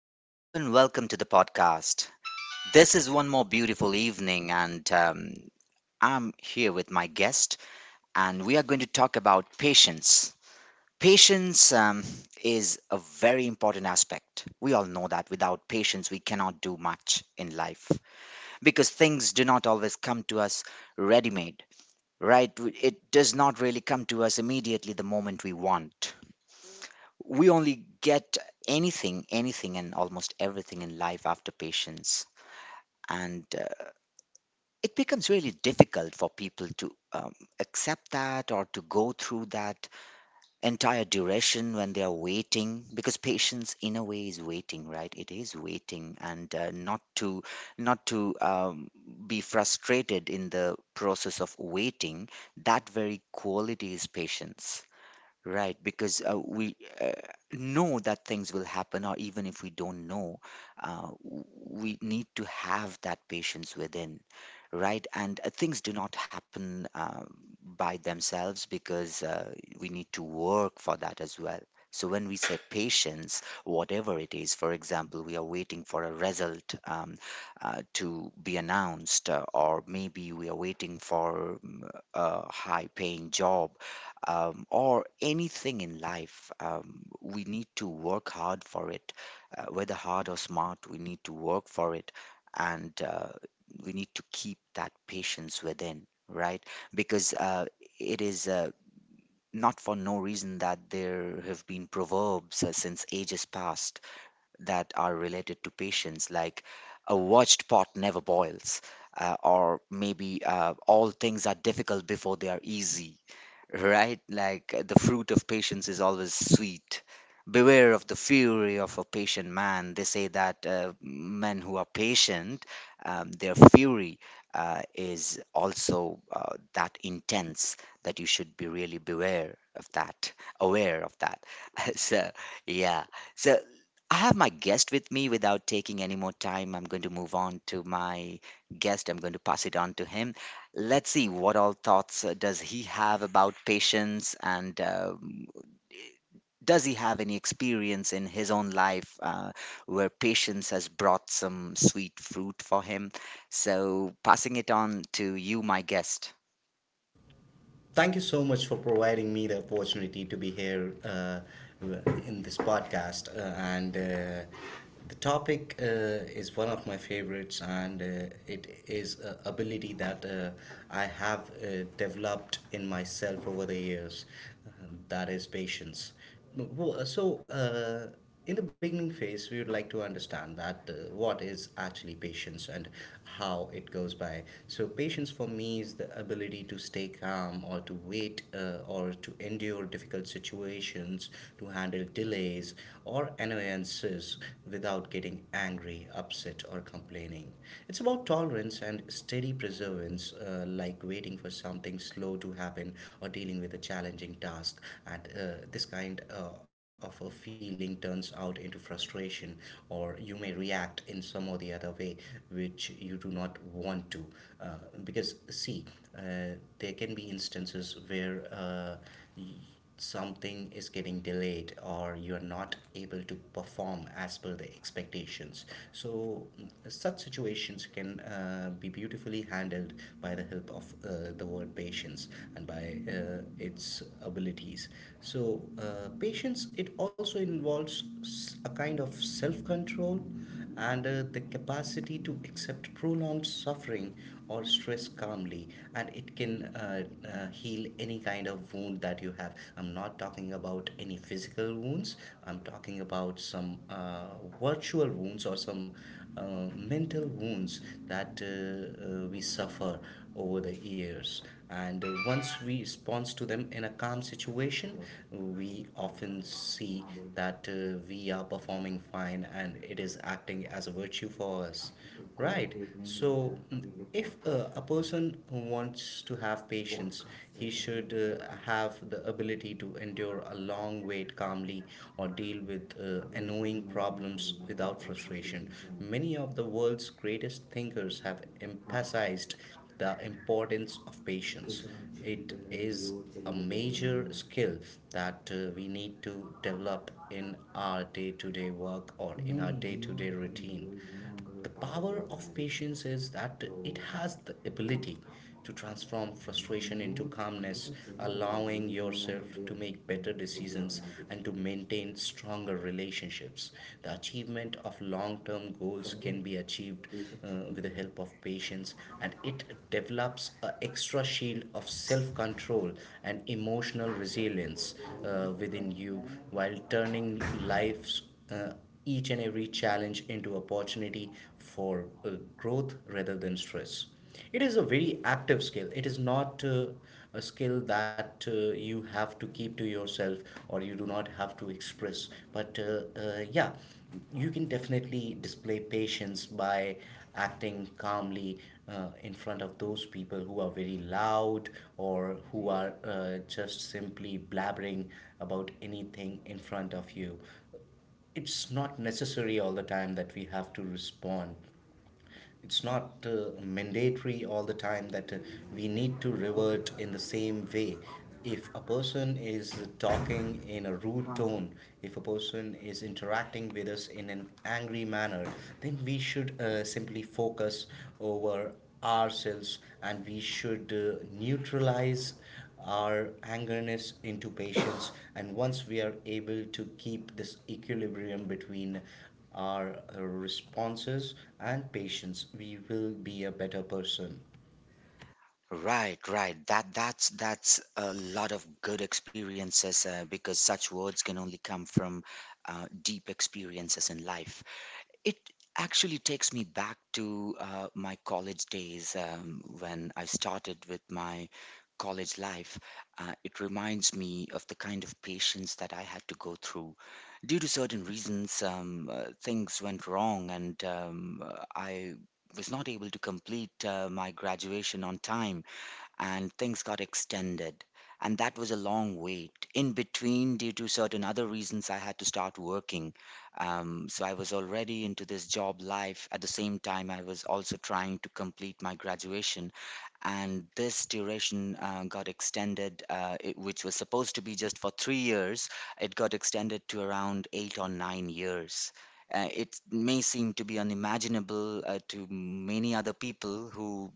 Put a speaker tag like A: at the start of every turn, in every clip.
A: Hello and welcome to the podcast. This is one more beautiful evening, and I'm here with my guest, and we are going to talk about patience. Patience is a very important aspect. We all know that without patience, we cannot do much in life because things do not always come to us ready made, right? It does not really come to us immediately the moment we want. We only get anything and almost everything in life after patience and it becomes really difficult for people to accept that or to go through that entire duration when they are waiting, because patience in a way is waiting, right? It is waiting, and not to not to be frustrated in the process of waiting. That very quality is patience. Right, because we know that things will happen, or even if we don't know, we need to have that patience within, right? And things do not happen by themselves, because we need to work for that as well. So when we say patience, whatever it is, for example, we are waiting for a result, to be announced, or maybe we are waiting for a high-paying job, or anything in life. We need to work hard for it, whether hard or smart, we need to work for it. And we need to keep that patience within, right? Because it is not for no reason that there have been proverbs since ages past that are related to patience, like a watched pot never boils. Or maybe all things are difficult before they are easy, right? Like, the fruit of patience is always sweet. Beware of the fury of a patient man. They say that men who are patient, their fury is also that intense, that you should be really beware of that, aware of that. so, yeah. So, I have my guest with me. Without taking any more time, I'm going to move on to my guest. I'm going to pass it on to him. Let's see what all thoughts does he have about patience, and does he have any experience in his own life where patience has brought some sweet fruit for him? So, passing it on to you, my guest.
B: Thank you so much for providing me the opportunity to be here in this podcast. And the topic is one of my favorites, and it is a ability that I have developed in myself over the years. That is patience. So, in the beginning phase, we would like to understand that what is actually patience and how it goes by. So, patience for me is the ability to stay calm or to wait or to endure difficult situations, to handle delays or annoyances without getting angry, upset, or complaining. It's about tolerance and steady perseverance, like waiting for something slow to happen or dealing with a challenging task. And this kind of a feeling turns out into frustration, or you may react in some or the other way which you do not want to. Uh, because, see, uh, there can be instances where something is getting delayed or you're not able to perform as per the expectations, so such situations can be beautifully handled by the help of the word patience and by its abilities. So, patience, it also involves a kind of self control and the capacity to accept prolonged suffering or stress calmly. And it can heal any kind of wound that you have. I'm not talking about any physical wounds. I'm talking about some virtual wounds or some mental wounds that we suffer over the years. And once we respond to them in a calm situation, we often see that we are performing fine and it is acting as a virtue for us. Right. So, if a person wants to have patience, he should have the ability to endure a long wait calmly or deal with annoying problems without frustration. Many of the world's greatest thinkers have emphasized the importance of patience. It is a major skill that we need to develop in our day to day work or in our day to day routine. The power of patience is that it has the ability to transform frustration into calmness, allowing yourself to make better decisions and to maintain stronger relationships. The achievement of long term goals can be achieved with the help of patience, and it develops an extra shield of self control and emotional resilience within you, while turning life's uh, each and every challenge into opportunity for growth rather than stress. It is a very active skill. It is not a skill that you have to keep to yourself or you do not have to express. But yeah, you can definitely display patience by acting calmly in front of those people who are very loud or who are just simply blabbering about anything in front of you. It's not necessary all the time that we have to respond. It's not mandatory all the time that we need to revert in the same way. If a person is talking in a rude tone, if a person is interacting with us in an angry manner, then we should simply focus over ourselves, and we should neutralize our angerness into patience. And once we are able to keep this equilibrium between our responses and patience, we will be a better person.
A: Right, right. That's a lot of good experiences, because such words can only come from deep experiences in life. It actually takes me back to my college days, when I started with my college life. It reminds me of the kind of patience that I had to go through. Due to certain reasons, things went wrong, and I was not able to complete my graduation on time, and things got extended. And that was a long wait. In between, due to certain other reasons, I had to start working. So I was already into this job life. At the same time, I was also trying to complete my graduation, and this duration got extended, which was supposed to be just for 3 years. It got extended to around 8 or 9 years. It may seem to be unimaginable to many other people who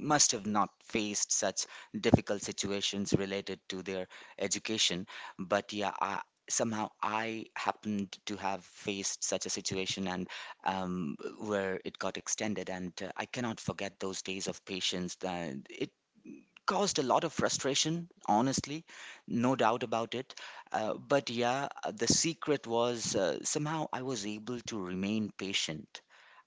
A: must have not faced such difficult situations related to their education. But yeah, somehow I happened to have faced such a situation, and where it got extended. And I cannot forget those days of patience. That it caused a lot of frustration, honestly, no doubt about it. But yeah, the secret was, somehow I was able to remain patient.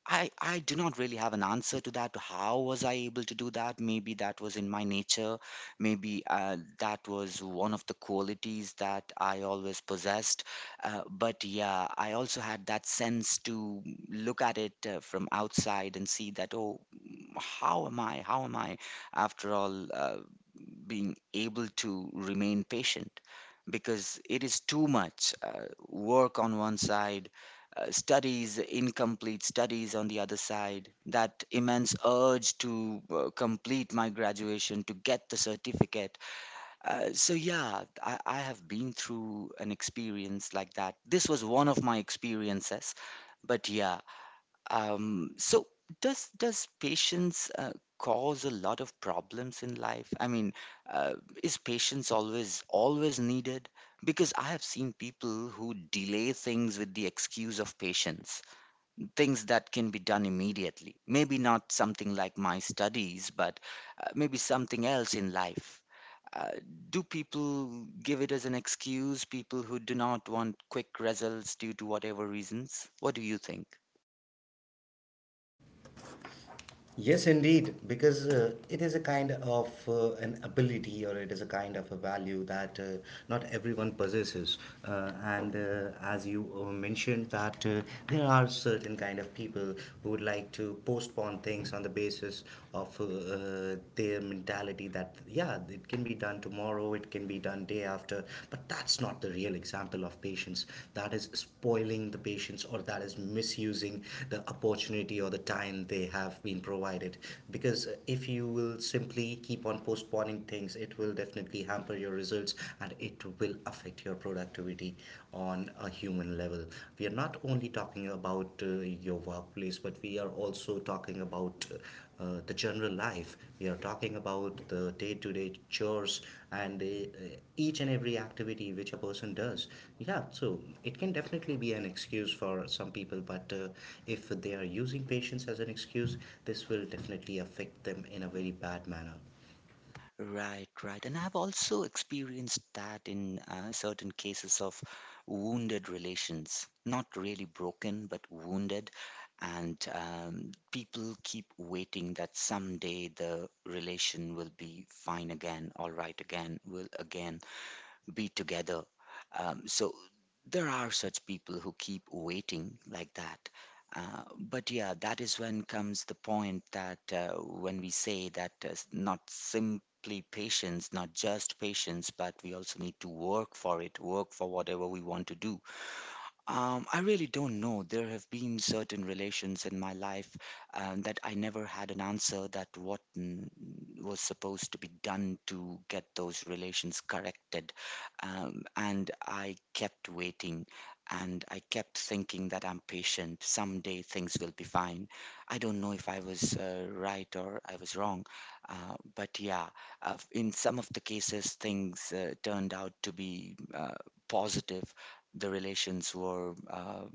A: I do not really have an answer to that. How was I able to do that? Maybe that was in my nature. Maybe that was one of the qualities that I always possessed. But yeah, I also had that sense to look at it from outside and see that, oh, how am I? How am I, after all, being able to remain patient? Because it is too much work on one side, studies, incomplete studies on the other side, that immense urge to complete my graduation, to get the certificate. So, yeah, I have been through an experience like that. This was one of my experiences. But, yeah, so does patience cause a lot of problems in life? I mean, uh, is patience always needed? Because I have seen people who delay things with the excuse of patience, things that can be done immediately. Maybe not something like my studies, but maybe something else in life. Uh, do people give it as an excuse, people who do not want quick results due to whatever reasons? What do you think?
B: Yes, indeed, because it is a kind of an ability, or it is a kind of a value that not everyone possesses. And as you mentioned, that there are certain kind of people who would like to postpone things on the basis of their mentality that, yeah, it can be done tomorrow, it can be done day after. But that's not the real example of patience. That is spoiling the patients, or that is misusing the opportunity or the time they have been provided. Because if you will simply keep on postponing things, it will definitely hamper your results, and it will affect your productivity on a human level. We are not only talking about your workplace, but we are also talking about the general life. We are talking about the day to day chores and each and every activity which a person does. Yeah, so it can definitely be an excuse for some people, but if they are using patience as an excuse, this will definitely affect them in a very bad manner.
A: Right, right. And I've also experienced that in certain cases of wounded relations, not really broken, but wounded. And people keep waiting that someday the relation will be fine again, all right again, will again be together. So there are such people who keep waiting like that. But yeah, that is when comes the point that when we say that not simply patience, not just patience, but we also need to work for it, work for whatever we want to do. I really don't know. There have been certain relations in my life that I never had an answer that what was supposed to be done to get those relations corrected. And I kept waiting, and I kept thinking that I'm patient. Someday things will be fine. I don't know if I was right or I was wrong. But yeah, in some of the cases, things turned out to be positive, the relations were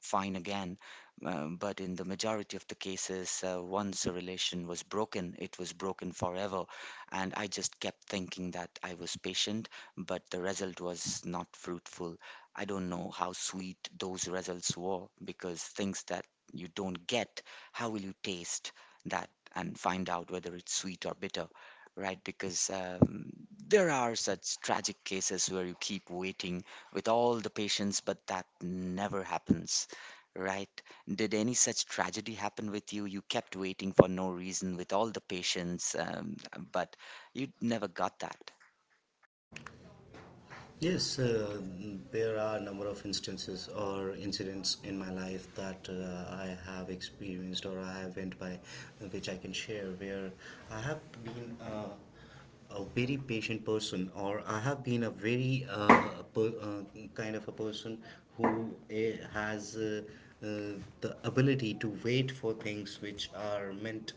A: fine again. But in the majority of the cases, once a relation was broken, it was broken forever. And I just kept thinking that I was patient, but the result was not fruitful. I don't know how sweet those results were, because things that you don't get, how will you taste that and find out whether it's sweet or bitter? Right? Because there are such tragic cases where you keep waiting with all the patience, but that never happens, right? Did any such tragedy happen with you? You kept waiting for no reason with all the patience, but you never got that.
B: Yes, there are a number of instances or incidents in my life that I have experienced or I have went by, which I can share, where I have been a very patient person, or I have been a very per, uh, kind of a person who has uh, the ability to wait for things which are meant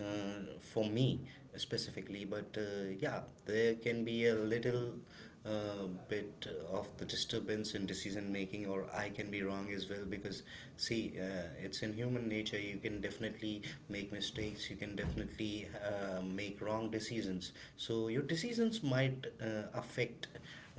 B: for me specifically. But yeah, there can be a little bit of the disturbance in decision making, or I can be wrong as well. Because see, it's in human nature. You can definitely make mistakes, you can definitely make wrong decisions, so your decisions might affect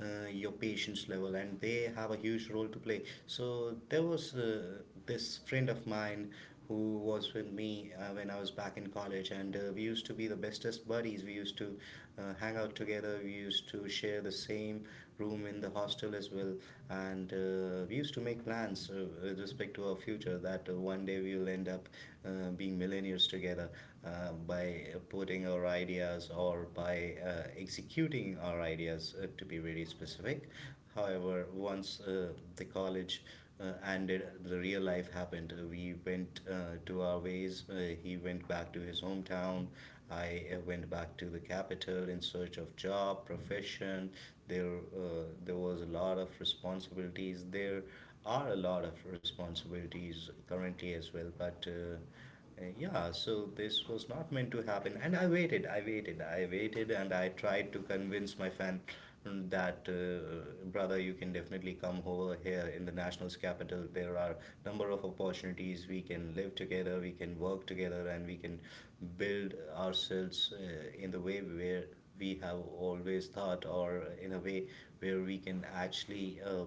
B: your patience level, and they have a huge role to play. So there was this friend of mine who was with me when I was back in college, and we used to be the bestest buddies. We used to hang out together. We used to share the same room in the hostel as well. And we used to make plans with respect to our future that one day we will end up being millionaires together, by putting our ideas or by executing our ideas, to be very specific. However, once the college ended, the real life happened. We went to our ways. He went back to his hometown. I went back to the capital in search of job, profession. There uh, there was a lot of responsibilities, there are a lot of responsibilities currently as well. But yeah, so this was not meant to happen, and I waited, I waited, I waited, and I tried to convince my fan that brother, you can definitely come over here in the national's capital. There are number of opportunities. We can live together, we can work together, and we can build ourselves in the way where we have always thought, or in a way where we can actually uh,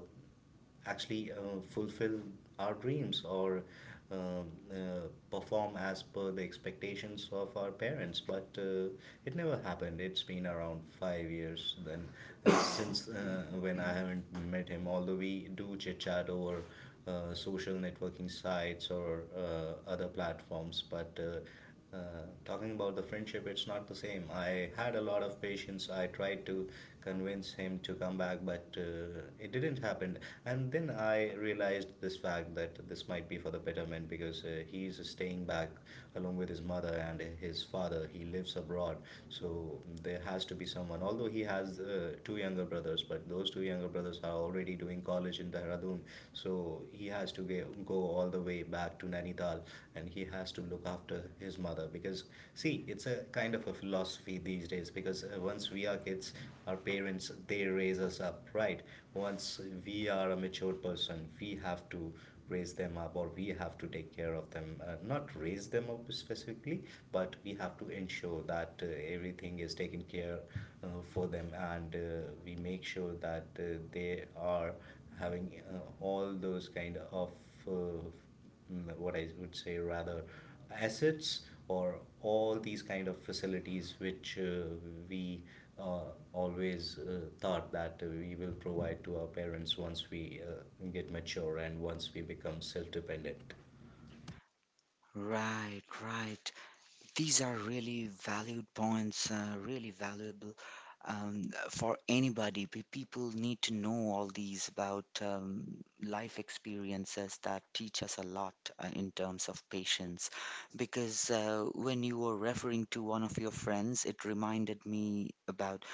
B: actually uh, fulfill our dreams, or uh, uh, perform as per the expectations of our parents. But it never happened. It's been around 5 years then, since when I haven't met him. Although we do chit chat over social networking sites or other platforms. But uh, talking about the friendship, it's not the same. I had a lot of patience. I tried to convince him to come back, but it didn't happen. And then I realized this fact that this might be for the betterment, because he's staying back along with his mother and his father. He lives abroad, so there has to be someone. Although he has two younger brothers, but those two younger brothers are already doing college in Dehradun, so he has to go all the way back to Nainital, and he has to look after his mother because, see, it's a kind of a philosophy these days. Because once we are kids, our parents they raise us up, right? Once we are a mature person, we have to raise them up or we have to take care of them. Not raise them up specifically, but we have to ensure that everything is taken care for them, and we make sure that they are having all those kind of what I would say, rather, assets, or all these kind of facilities which we uh, always thought that we will provide to our parents once we get mature and once we become self-dependent.
A: Right, right. These are really valued points, really valuable for anybody. People need to know all these about life experiences that teach us a lot in terms of patience. Because when you were referring to one of your friends, it reminded me about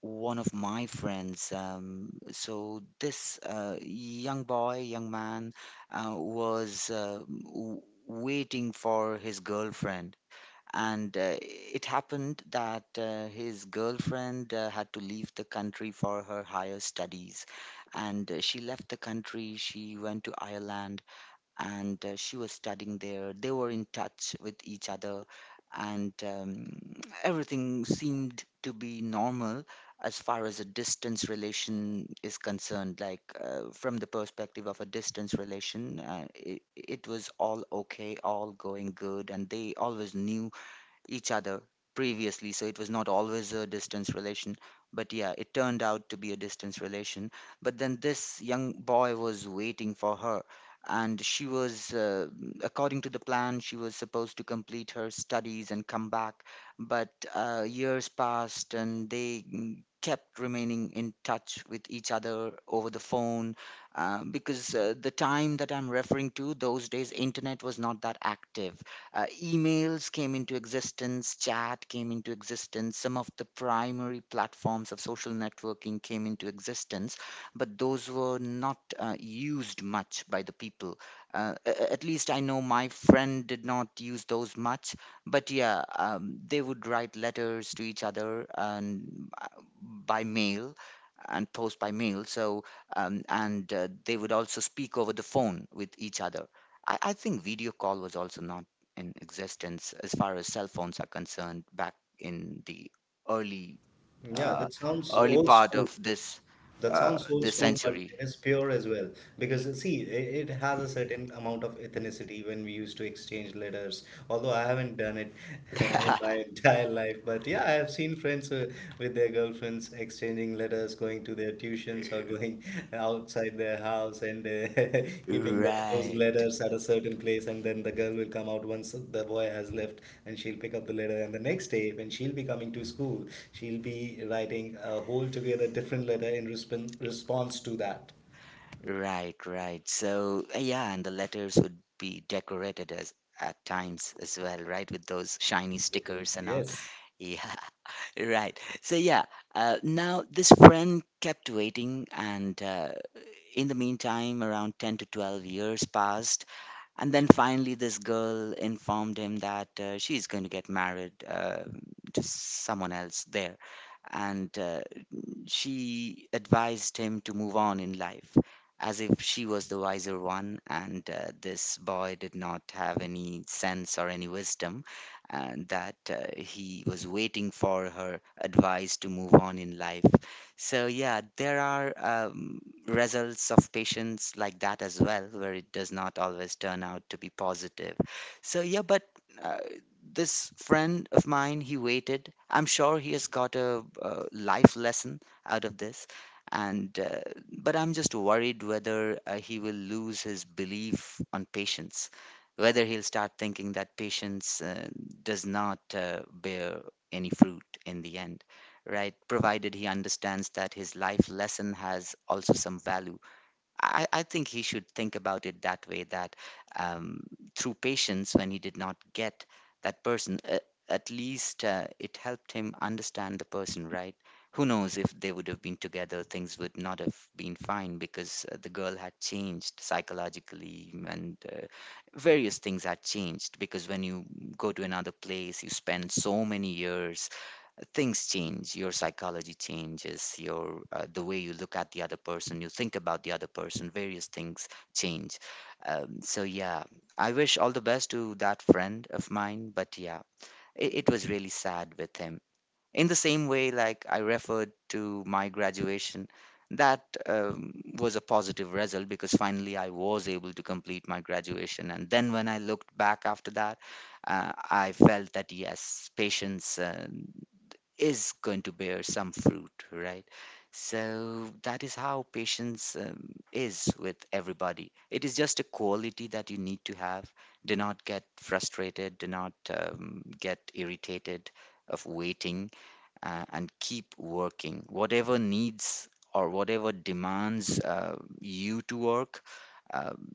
A: one of my friends. So this young boy, young man, uh, was uh, w- waiting for his girlfriend, and it happened that his girlfriend had to leave the country for her higher studies, and she left the country, she went to Ireland. And she was studying there, they were in touch with each other, and everything seemed to be normal as far as a distance relation is concerned. Like, from the perspective of a distance relation, it was all okay, all going good, and they always knew each other previously, so it was not always a distance relation, but yeah, it turned out to be a distance relation. But then this young boy was waiting for her, and she was, according to the plan, she was supposed to complete her studies and come back. But years passed, and they kept remaining in touch with each other over the phone, because the time that I'm referring to, those days internet was not that active. Emails came into existence, chat came into existence, some of the primary platforms of social networking came into existence, but those were not used much by the people. At least I know my friend did not use those much, but yeah, they would write letters to each other, and by mail, and post by mail. So, and they would also speak over the phone with each other. I think video call was also not in existence as far as cell phones are concerned, back in the early
B: Yeah,
A: uh,
B: that sounds
A: early
B: old
A: part
B: school.
A: of this
B: That sounds old they
A: this
B: school, but to
A: century.
B: it is pure as well. Because see, it has a certain amount of ethnicity when we used to exchange letters. Although I haven't done it in my entire life, but yeah, I have seen friends with their girlfriends exchanging letters, going to their tuitions or going outside their house and keeping those
A: Right.
B: letters at a certain place, and then the girl will come out once the boy has left, and she'll pick up the letter. And the next day when she'll be coming to school, she'll be writing a whole together different letter in response to that.
A: Right, right. So, yeah, and the letters would be decorated as at times as well, right, with those shiny stickers and all.
B: Yes.
A: Yeah, right. So yeah, now this friend kept waiting, and in the meantime, around 10 to 12 years passed, and then finally, this girl informed him that she's going to get married to someone else there, and she advised him to move on in life as if she was the wiser one and this boy did not have any sense or any wisdom and that he was waiting for her advice to move on in life. So yeah, there are results of patience like that as well, where it does not always turn out to be positive. So yeah, but uh, this friend of mine, he waited. I'm sure he has got a life lesson out of this, and but I'm just worried whether he will lose his belief on patience, whether he'll start thinking that patience does not bear any fruit in the end, right, provided he understands that his life lesson has also some value. I think he should think about it that way, that um, through patience, when he did not get that person, at least it helped him understand the person, right? Who knows, if they would have been together, things would not have been fine, because the girl had changed psychologically, and various things had changed. Because when you go to another place, you spend so many years, things change, your psychology changes, your the way you look at the other person, you think about the other person, various things change. So yeah, I wish all the best to that friend of mine, but yeah, it was really sad with him. In the same way, like I referred to my graduation, that was a positive result, because finally I was able to complete my graduation, and then when I looked back after that, I felt that yes, patience is going to bear some fruit, right? So that is how patience is with everybody. It is just a quality that you need to have. Do not get frustrated, do not get irritated of waiting, and keep working. Whatever needs, or whatever demands you to work, um,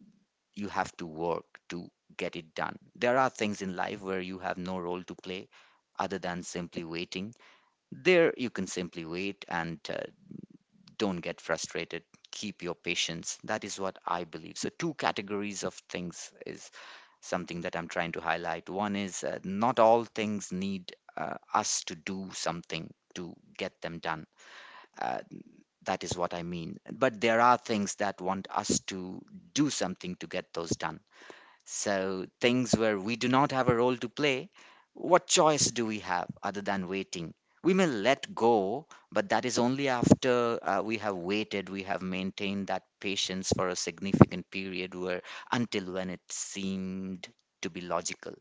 A: you have to work to get it done. There are things in life where you have no role to play other than simply waiting. There, you can simply wait, and don't get frustrated. Keep your patience. That is what I believe. So, two categories of things is something that I'm trying to highlight. One is not all things need us to do something to get them done. Uh, that is what I mean. But there are things that want us to do something to get those done. So, things where we do not have a role to play, what choice do we have other than waiting? We may let go, but that is only after we have waited, we have maintained that patience for a significant period, where until when it seemed to be logical.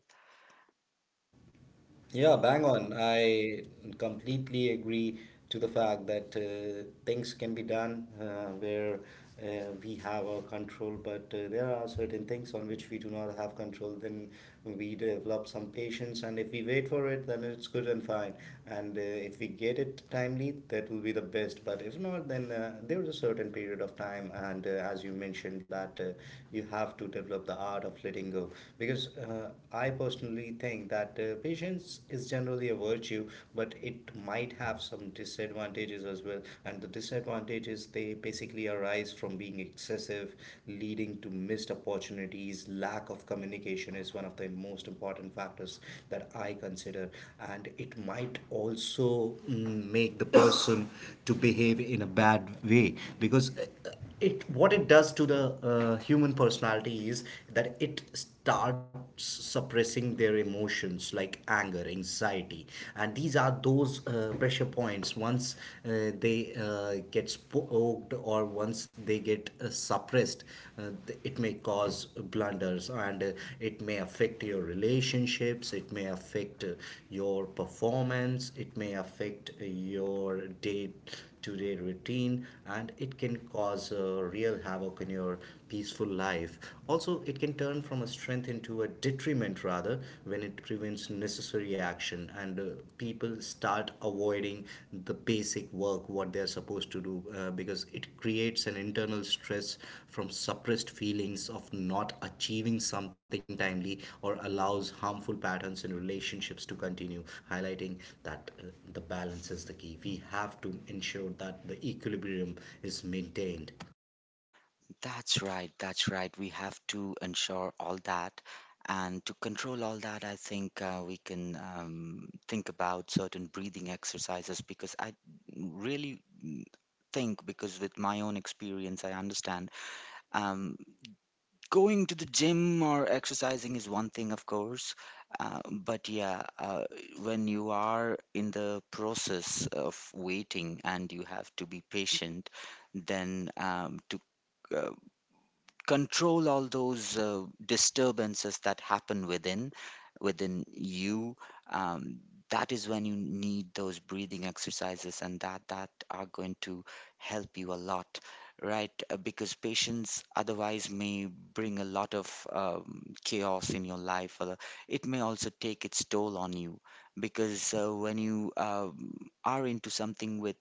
B: Yeah, bang on. I completely agree to the fact that things can be done where we have our control, but there are certain things on which we do not have control. Then we develop some patience, and if we wait for it, then it's good and fine. And if we get it timely, that will be the best. But if not, then there is a certain period of time, and as you mentioned, that you have to develop the art of letting go. Because I personally think that patience is generally a virtue, but it might have some disadvantages as well. And the disadvantages, they basically arise from being excessive, leading to missed opportunities. Lack of communication is one of the most important factors that I consider, and it might also make the person to behave in a bad way because it what it does to the human personality is that starts suppressing their emotions like anger, anxiety. And these are those pressure points. Once they get poked or once they get suppressed, it may cause blunders, and it may affect your relationships, it may affect your performance, it may affect your day to day routine, and it can cause real havoc in your peaceful life. Also, it can turn from a strength into a detriment rather when it prevents necessary action, and people start avoiding the basic work what they're supposed to do because it creates an internal stress from suppressed feelings of not achieving something timely, or allows harmful patterns in relationships to continue, highlighting that the balance is the key. We have to ensure that the equilibrium is maintained.
A: That's right, that's right. We have to ensure all that. And to control all that, I think we can think about certain breathing exercises, because I really think, because with my own experience, I understand. Um, Going to the gym or exercising is one thing, of course, but yeah, when you are in the process of waiting and you have to be patient, then to uh, control all those disturbances that happen within you, um, that is when you need those breathing exercises, and that are going to help you a lot, right? Because patients otherwise may bring a lot of chaos in your life, or it may also take its toll on you, because when you are into something with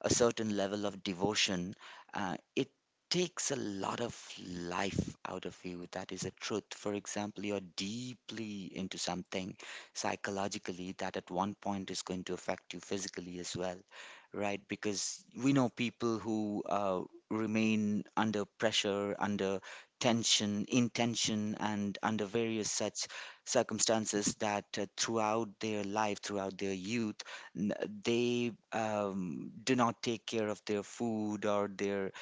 A: a certain level of devotion, it takes a lot of life out of you. That is a truth. For example, you're deeply into something psychologically that at one point is going to affect you physically as well, right? Because we know people who remain under pressure, under tension, in tension, and under various such circumstances, that throughout their life, throughout their youth, n- they do not take care of their food, or their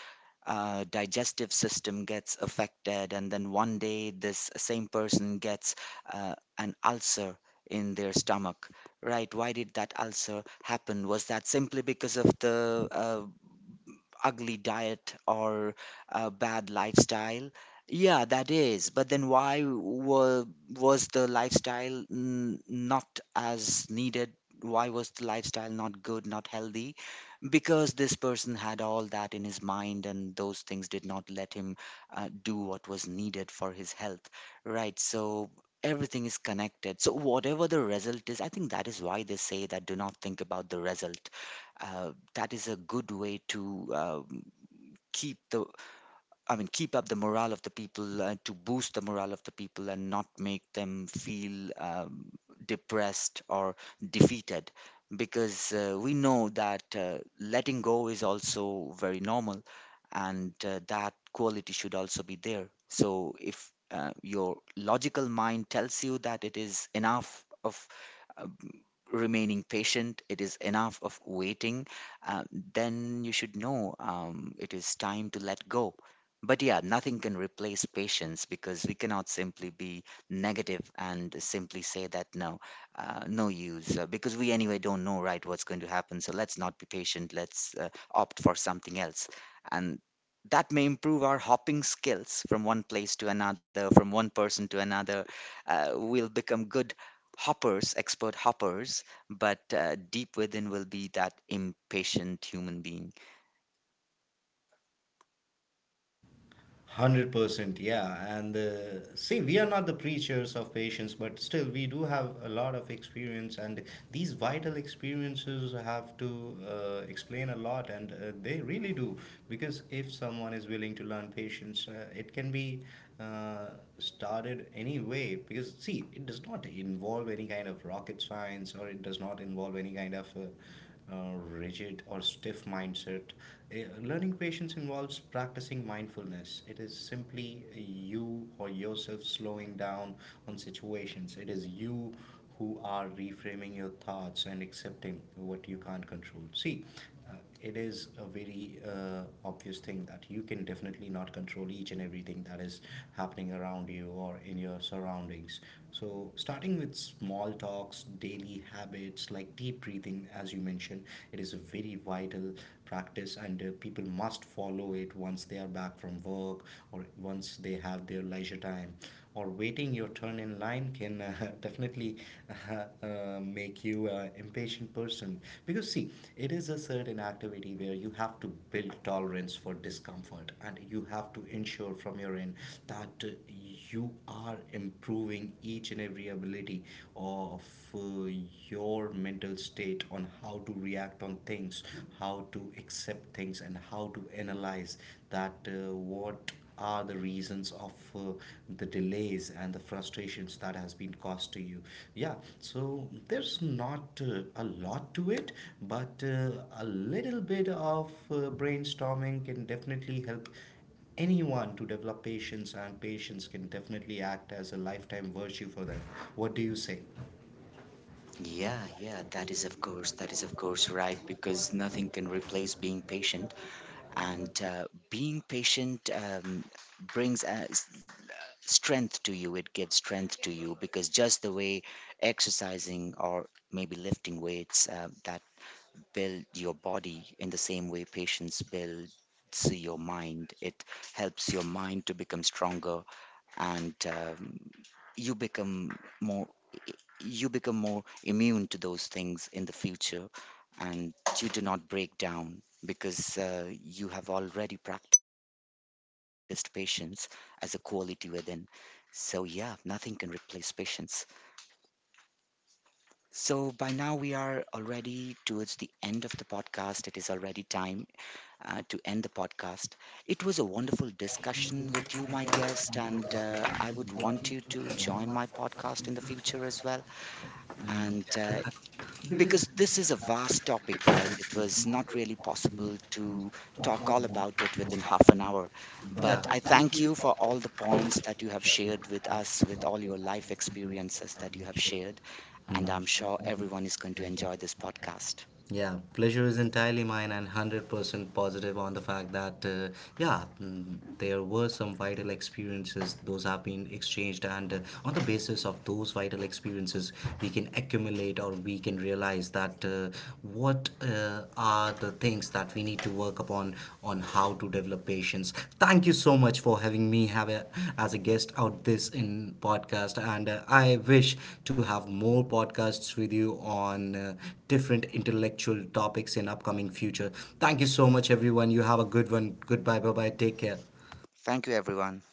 A: digestive system gets affected, and then one day this same person gets an ulcer in their stomach. Right? Why did that ulcer happen? Was that simply because of the ugly diet or bad lifestyle? Yeah, that is. But then, was the lifestyle not as needed? Why was the lifestyle not good, not healthy? Because this person had all that in his mind, and those things did not let him do what was needed for his health, right? So everything is connected. So whatever the result is, I think that is why they say that do not think about the result. That is a good way to keep the keep up the morale of the people, to boost the morale of the people, and not make them feel depressed or defeated. Because we know that letting go is also very normal, and that quality should also be there. So, if your logical mind tells you that it is enough of uh, remaining patient, it is enough of waiting, then you should know it is time to let go. But yeah, nothing can replace patience, because we cannot simply be negative and simply say that no, no use because we anyway don't know, right, what's going to happen. So let's not be patient. Let's opt for something else, and that may improve our hopping skills from one place to another, from one person to another. We'll become good hoppers, expert hoppers, but deep within will be that impatient human being.
B: 100% yeah, and see, we are not the preachers of patience, but still we do have a lot of experience, and these vital experiences have to explain a lot, and they really do. Because if someone is willing to learn patience, it can be uh, started any way, because see, it does not involve any kind of rocket science, or it does not involve any kind of rigid or stiff mindset. Learning patience involves practicing mindfulness. It is simply you or yourself slowing down on situations. It is you who are reframing your thoughts and accepting what you can't control. See, it is a very obvious thing that you can definitely not control each and everything that is happening around you or in your surroundings. So, starting with small talks, daily habits like deep breathing, as you mentioned, it is a very vital practice, and people must follow it once they are back from work, or once they have their leisure time, or waiting your turn in line can definitely uh, make you an impatient person. Because see, it is a certain activity where you have to build tolerance for discomfort, and you have to ensure from your end that you are improving each and every ability of uh, your mental state on how to react on things, how to accept things, and how to analyze that what are the reasons of the delays and the frustrations that has been caused to you. Yeah, so there's not a lot to it, but a little bit of brainstorming can definitely help anyone to develop patience, and patience can definitely act as a lifetime virtue for them. What do you say?
A: Yeah, yeah, that is of course, that is of course right, because nothing can replace being patient, and being patient brings strength to you. It gives strength to you, because just the way exercising or maybe lifting weights that build your body, in the same way patience builds your mind. It helps your mind to become stronger, and you become more you become more immune to those things in the future, and you do not break down, because you have already practiced patience as a quality within. So yeah, nothing can replace patience. So by now we are already towards the end of the podcast. It is already time to end the podcast. It was a wonderful discussion with you, my guest, and I would want you to join my podcast in the future as well. And because this is a vast topic, right? It was not really possible to talk all about it within half an hour.
B: Yeah.
A: But I
B: Thank
A: thank
B: you.
A: you for all the points that you have shared with us, with all your life experiences that you have shared. And I'm sure everyone is
B: Sure.
A: going to enjoy this podcast.
B: Yeah, pleasure is entirely mine, and 100% positive on the fact that, yeah, there were some vital experiences. Those have been exchanged, and on the basis of those vital experiences, we can accumulate or we can realize that what are the things that we need to work upon on how to develop patience. Thank you so much for having me have a, as a guest out this in podcast, and I wish to have more podcasts with you on different intellectual topics in upcoming future. Thank you so much, everyone. You have a good one. Goodbye. Bye bye. Take care.
A: Thank you, everyone.